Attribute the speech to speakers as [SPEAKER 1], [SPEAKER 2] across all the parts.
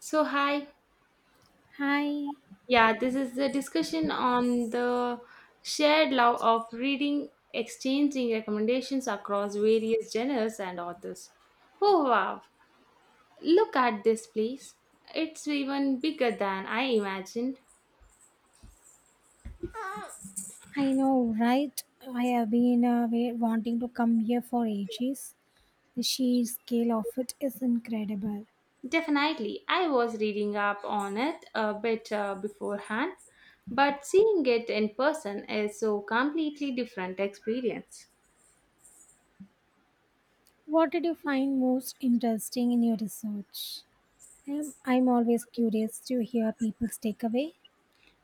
[SPEAKER 1] So, hi.
[SPEAKER 2] Hi,
[SPEAKER 1] Yeah, this is the discussion on the shared love of reading, exchanging recommendations across various genres and authors. Oh, wow. Look at this, please. It's even bigger than I imagined.
[SPEAKER 2] I know, right? I have been wanting to come here for ages. The sheer scale of it is incredible.
[SPEAKER 1] Definitely, I was reading up on it a bit beforehand, but seeing it in person is so completely different experience.
[SPEAKER 2] What did you find most interesting in your research? I'm always curious to hear people's takeaway.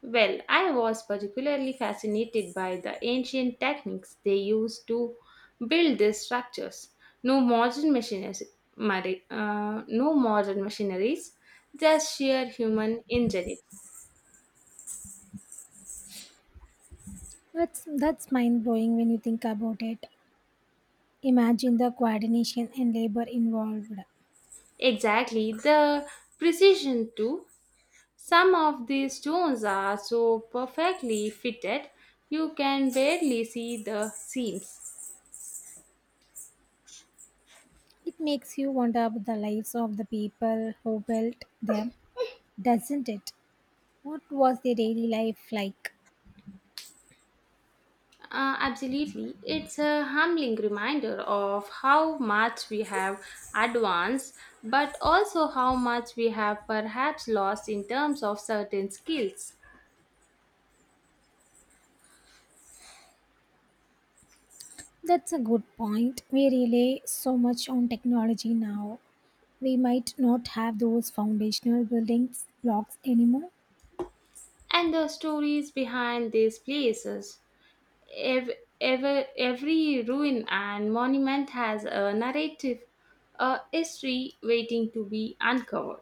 [SPEAKER 1] Well, I was particularly fascinated by the ancient techniques they used to build these structures. No modern machines, no modern machineries, just sheer human ingenuity.
[SPEAKER 2] That's mind blowing when you think about it. Imagine the coordination and labor involved.
[SPEAKER 1] Exactly, the precision too. Some of these stones are so perfectly fitted, you can barely see the seams.
[SPEAKER 2] It makes you wonder about the lives of the people who built them, doesn't it? What was their daily life like?
[SPEAKER 1] Absolutely. It's a humbling reminder of how much we have advanced, but also how much we have perhaps lost in terms of certain skills
[SPEAKER 2] That's a good point. We rely so much on technology now. We might not have those foundational buildings blocks anymore.
[SPEAKER 1] and the stories behind these places. Ev- every ruin and monument has a narrative, a history waiting to be uncovered.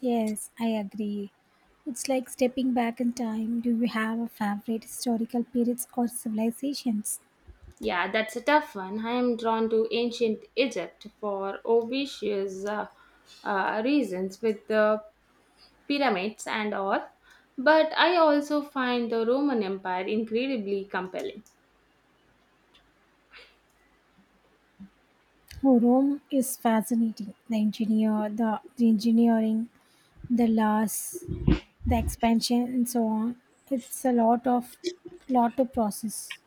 [SPEAKER 2] Yes, I agree. It's like stepping back in time. Do you have a favorite historical periods or civilizations?
[SPEAKER 1] Yeah, that's a tough one. I am drawn to ancient Egypt for obvious reasons with the pyramids and all, but I also find the Roman Empire incredibly compelling.
[SPEAKER 2] Oh, Rome is fascinating. The engineering, the laws, the expansion, and so on. It's a lot to process.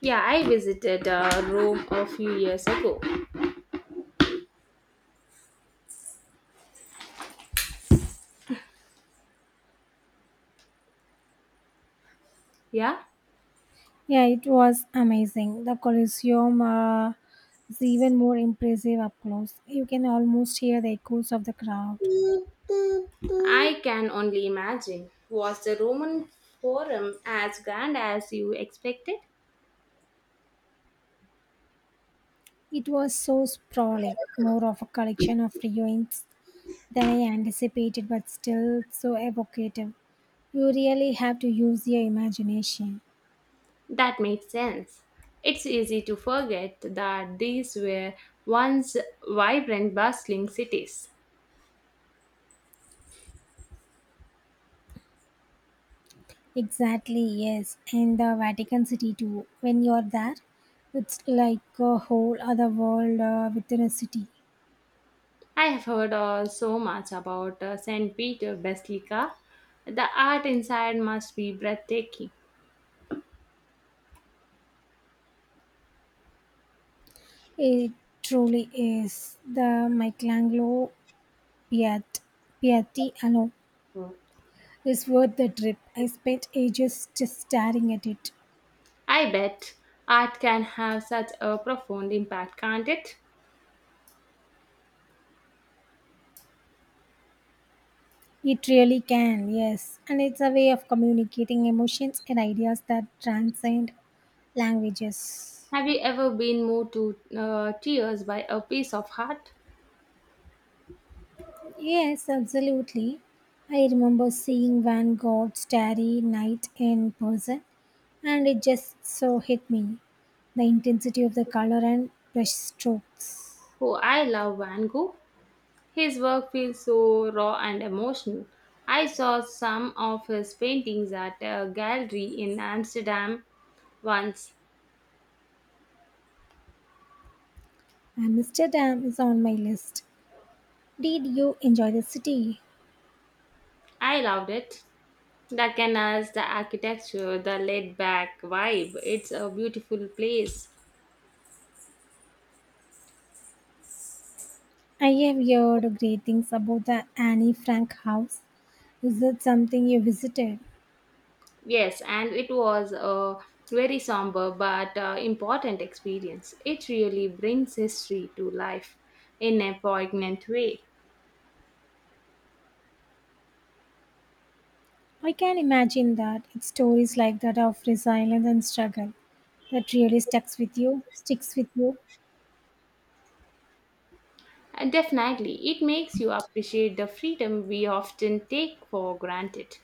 [SPEAKER 1] Yeah, I visited Rome a few years ago. Yeah,
[SPEAKER 2] Yeah, it was amazing. The Colosseum is even more impressive up close. You can almost hear the echoes of the crowd.
[SPEAKER 1] I can only imagine. Was the Roman Forum as grand as you expected?
[SPEAKER 2] It was so sprawling, more of a collection of ruins than I anticipated, but still so evocative. You really have to use your imagination.
[SPEAKER 1] That makes sense. It's easy to forget that these were once vibrant, bustling cities.
[SPEAKER 2] Exactly, yes. And the Vatican City too. When you're there, it's like a whole other world within a city.
[SPEAKER 1] I have heard so much about St. Peter Basilica. The art inside must be breathtaking.
[SPEAKER 2] It truly is. The Michelangelo Piat- Piatti alone is worth the trip. I spent ages just staring at it.
[SPEAKER 1] I bet art can have such a profound impact, can't it?
[SPEAKER 2] It really can, yes. And it's a way of communicating emotions and ideas that transcend languages.
[SPEAKER 1] Have you ever been moved to tears by a piece of art?
[SPEAKER 2] Yes, absolutely. I remember seeing Van Gogh's Starry Night in person, and it just so hit me the intensity of the color and brush strokes.
[SPEAKER 1] Oh, I love Van Gogh. His work feels so raw and emotional. I saw some of his paintings at a gallery in Amsterdam once.
[SPEAKER 2] Amsterdam is on my list. Did you enjoy the city?
[SPEAKER 1] I loved it. The canals, the architecture, the laid back vibe. It's a beautiful place.
[SPEAKER 2] I have heard great things about the Anne Frank house. Is that something you visited?
[SPEAKER 1] Yes, and it was a very somber but important experience. It really brings history to life in a poignant way.
[SPEAKER 2] I can imagine that it's stories like that of resilience and struggle that really sticks with you. Sticks with you.
[SPEAKER 1] Definitely, it makes you appreciate the freedom we often take for granted.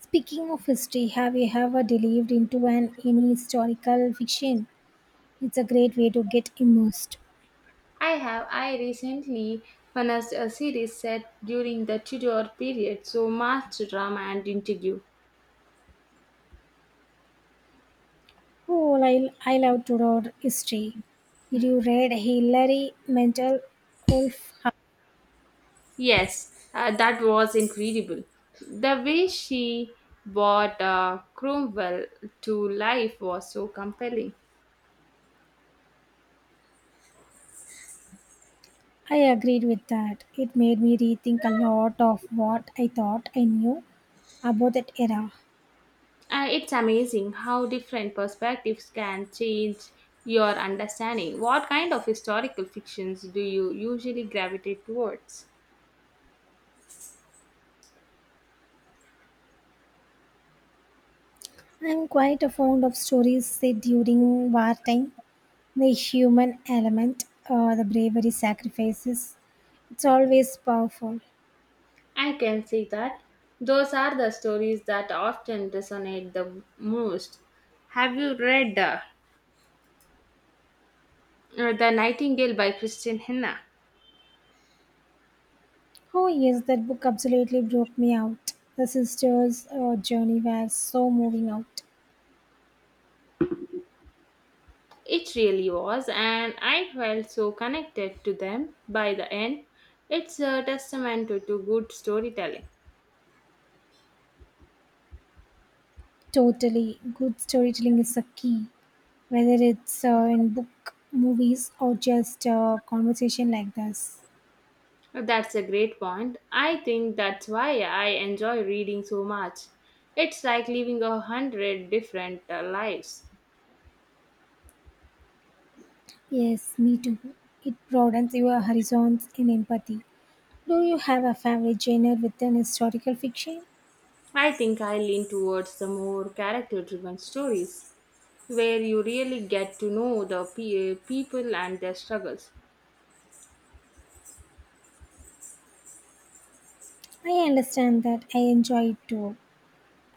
[SPEAKER 2] Speaking of history, have you ever delved into an any historical fiction? It's a great way to get immersed.
[SPEAKER 1] I recently finished a series set during the Tudor period, so much drama and interview.
[SPEAKER 2] Oh, I love to read history. Did you read Hilary Mantel Wolf?
[SPEAKER 1] Yes, that was incredible. The way she brought Cromwell to life was so compelling.
[SPEAKER 2] I agreed with that. It made me rethink a lot of what I thought I knew about that era.
[SPEAKER 1] It's amazing how different perspectives can change your understanding. What kind of historical fictions do you usually gravitate towards?
[SPEAKER 2] I'm quite fond of stories set during wartime. The human element, the bravery, sacrifices, it's always powerful.
[SPEAKER 1] I can see that. Those are the stories that often resonate the most. Have you read The Nightingale by Christian Henna?
[SPEAKER 2] Oh, yes, that book absolutely broke me out. The sisters' journey was so moving out.
[SPEAKER 1] It really was, and I felt so connected to them by the end. It's a testament to good storytelling.
[SPEAKER 2] Totally. Good storytelling is a key, whether it's in book, movies, or just conversation like this.
[SPEAKER 1] That's a great point. I think that's why I enjoy reading so much. It's like living a hundred different lives.
[SPEAKER 2] Yes, me too. It broadens your horizons in empathy. Do you have a favorite genre within historical fiction?
[SPEAKER 1] I think I lean towards the more character driven stories where you really get to know the people and their struggles.
[SPEAKER 2] I understand that I enjoy it too,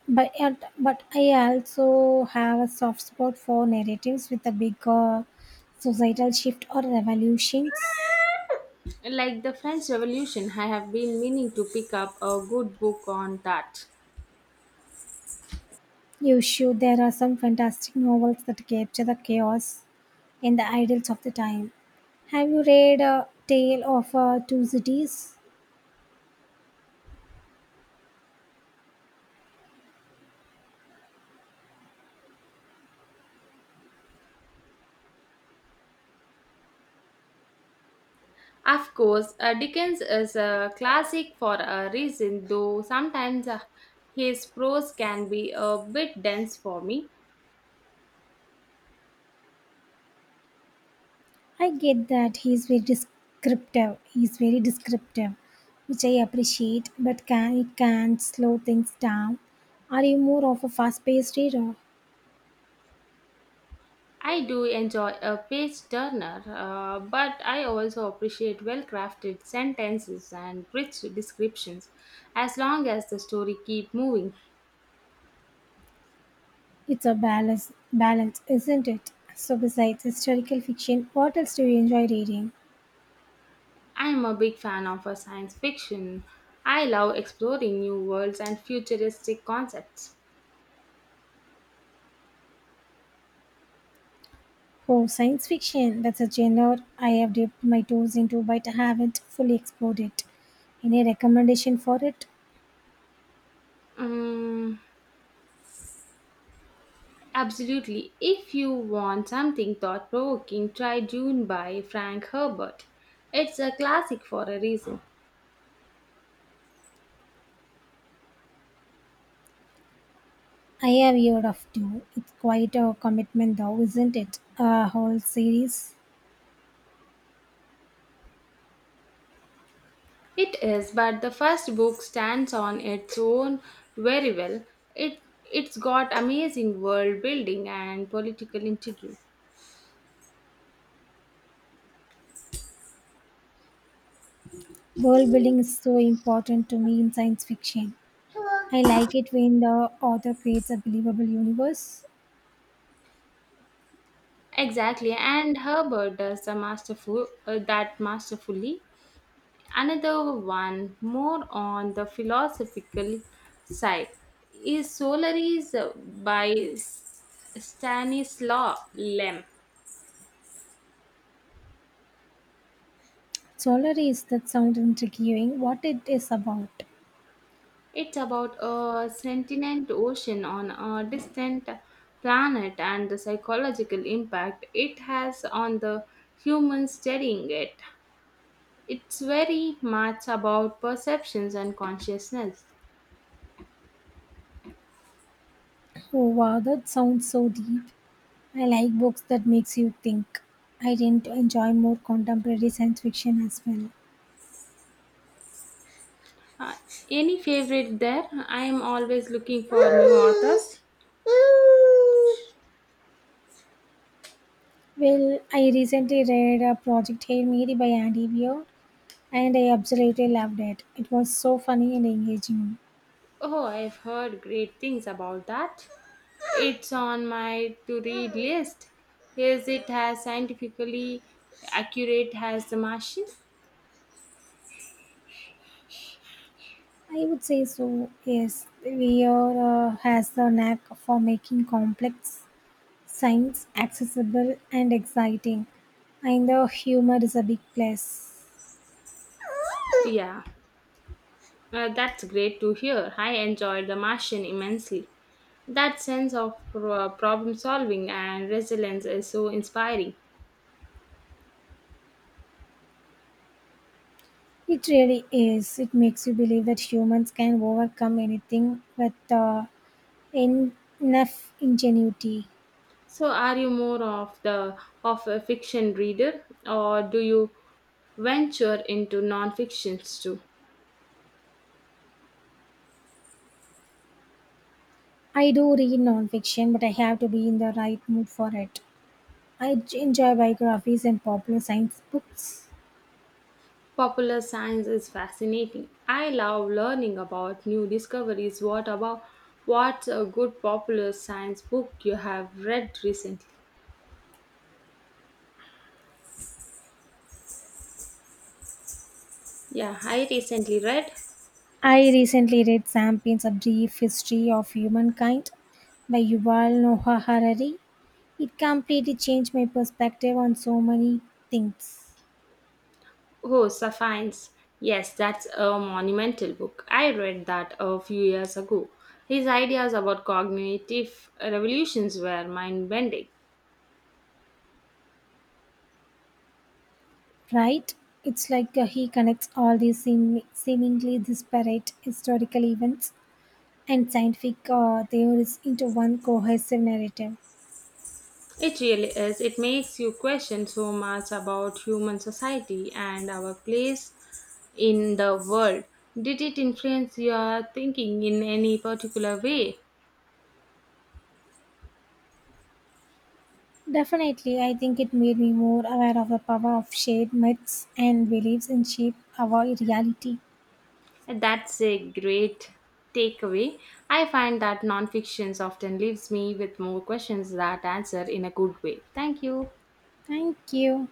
[SPEAKER 2] but I also have a soft spot for narratives with a bigger societal shift or revolutions.
[SPEAKER 1] Like the French Revolution, I have been meaning to pick up a good book on that.
[SPEAKER 2] You should. There are some fantastic novels that capture the chaos and the ideals of the time. Have you read A Tale of Two Cities?
[SPEAKER 1] Of course, Dickens is a classic for a reason, though sometimes his prose can be a bit dense for me.
[SPEAKER 2] I get that he's very descriptive. He's very descriptive, which I appreciate, but can slow things down. Are you more of a fast-paced reader?
[SPEAKER 1] I do enjoy a page turner, but I also appreciate well crafted sentences and rich descriptions, as long as the story keeps moving.
[SPEAKER 2] It's a balance, isn't it? So, besides historical fiction, what else do you enjoy reading?
[SPEAKER 1] I'm a big fan of science fiction. I love exploring new worlds and futuristic concepts.
[SPEAKER 2] Oh, science fiction. That's a genre I have dipped my toes into but haven't fully explored it. Any recommendation for it?
[SPEAKER 1] Mm. Absolutely. If you want something thought provoking, try Dune by Frank Herbert. It's a classic for a reason.
[SPEAKER 2] I have heard of two. It's quite a commitment though, isn't it? A whole series.
[SPEAKER 1] It is, but the first book stands on its own very well. It's got amazing world building and political intrigue.
[SPEAKER 2] World building is so important to me in science fiction. I like it when the author creates a believable universe.
[SPEAKER 1] Exactly, and Herbert does the that masterfully. Another one, more on the philosophical side, is Solaris by Stanislaw Lem.
[SPEAKER 2] Solar is that sounds intriguing. What it is about?
[SPEAKER 1] It's about a sentient ocean on a distant planet and the psychological impact it has on the humans studying it. It's very much about perceptions and consciousness.
[SPEAKER 2] Oh wow, that sounds so deep. I like books that makes you think. I tend to enjoy more contemporary science fiction as well.
[SPEAKER 1] Uh, any favorite there? I am always looking for new authors.
[SPEAKER 2] Well, I recently read a Project Hail Mary by Andy Weir and I absolutely loved it. It was so funny and engaging.
[SPEAKER 1] Oh, I've heard great things about that. It's on my to read list. Is it as scientifically accurate as The Martian?
[SPEAKER 2] I would say so, yes. Weir has the knack for making complex science accessible and exciting. And the humor is a big plus.
[SPEAKER 1] Yeah, that's great to hear. I enjoyed The Martian immensely. That sense of problem solving and resilience is so inspiring.
[SPEAKER 2] It really is. It makes you believe that humans can overcome anything with En- Enough ingenuity.
[SPEAKER 1] So, are you more of a fiction reader, or do you venture into non-fictions too?
[SPEAKER 2] I do read nonfiction, but I have to be in the right mood for it. I enjoy biographies and popular science books.
[SPEAKER 1] Popular science is fascinating. I love learning about new discoveries. What's a good popular science book you have read recently? Yeah, I recently read.
[SPEAKER 2] I recently read Sapiens, A Brief History of Humankind by Yuval Noah Harari. It completely changed my perspective on so many things,
[SPEAKER 1] Oh, Sapiens. Yes, that's a monumental book. I read that a few years ago. His ideas about cognitive revolutions were mind bending.
[SPEAKER 2] right? It's like he connects all these seemingly disparate historical events and scientific theories into one cohesive narrative.
[SPEAKER 1] It really is. It makes you question so much about human society and our place in the world. Did it influence your thinking in any particular way?
[SPEAKER 2] Definitely, I think it made me more aware of the power of shared myths and beliefs in shape our reality.
[SPEAKER 1] That's a great takeaway. I find that nonfiction often leaves me with more questions that answer in a good way. Thank you.
[SPEAKER 2] Thank you.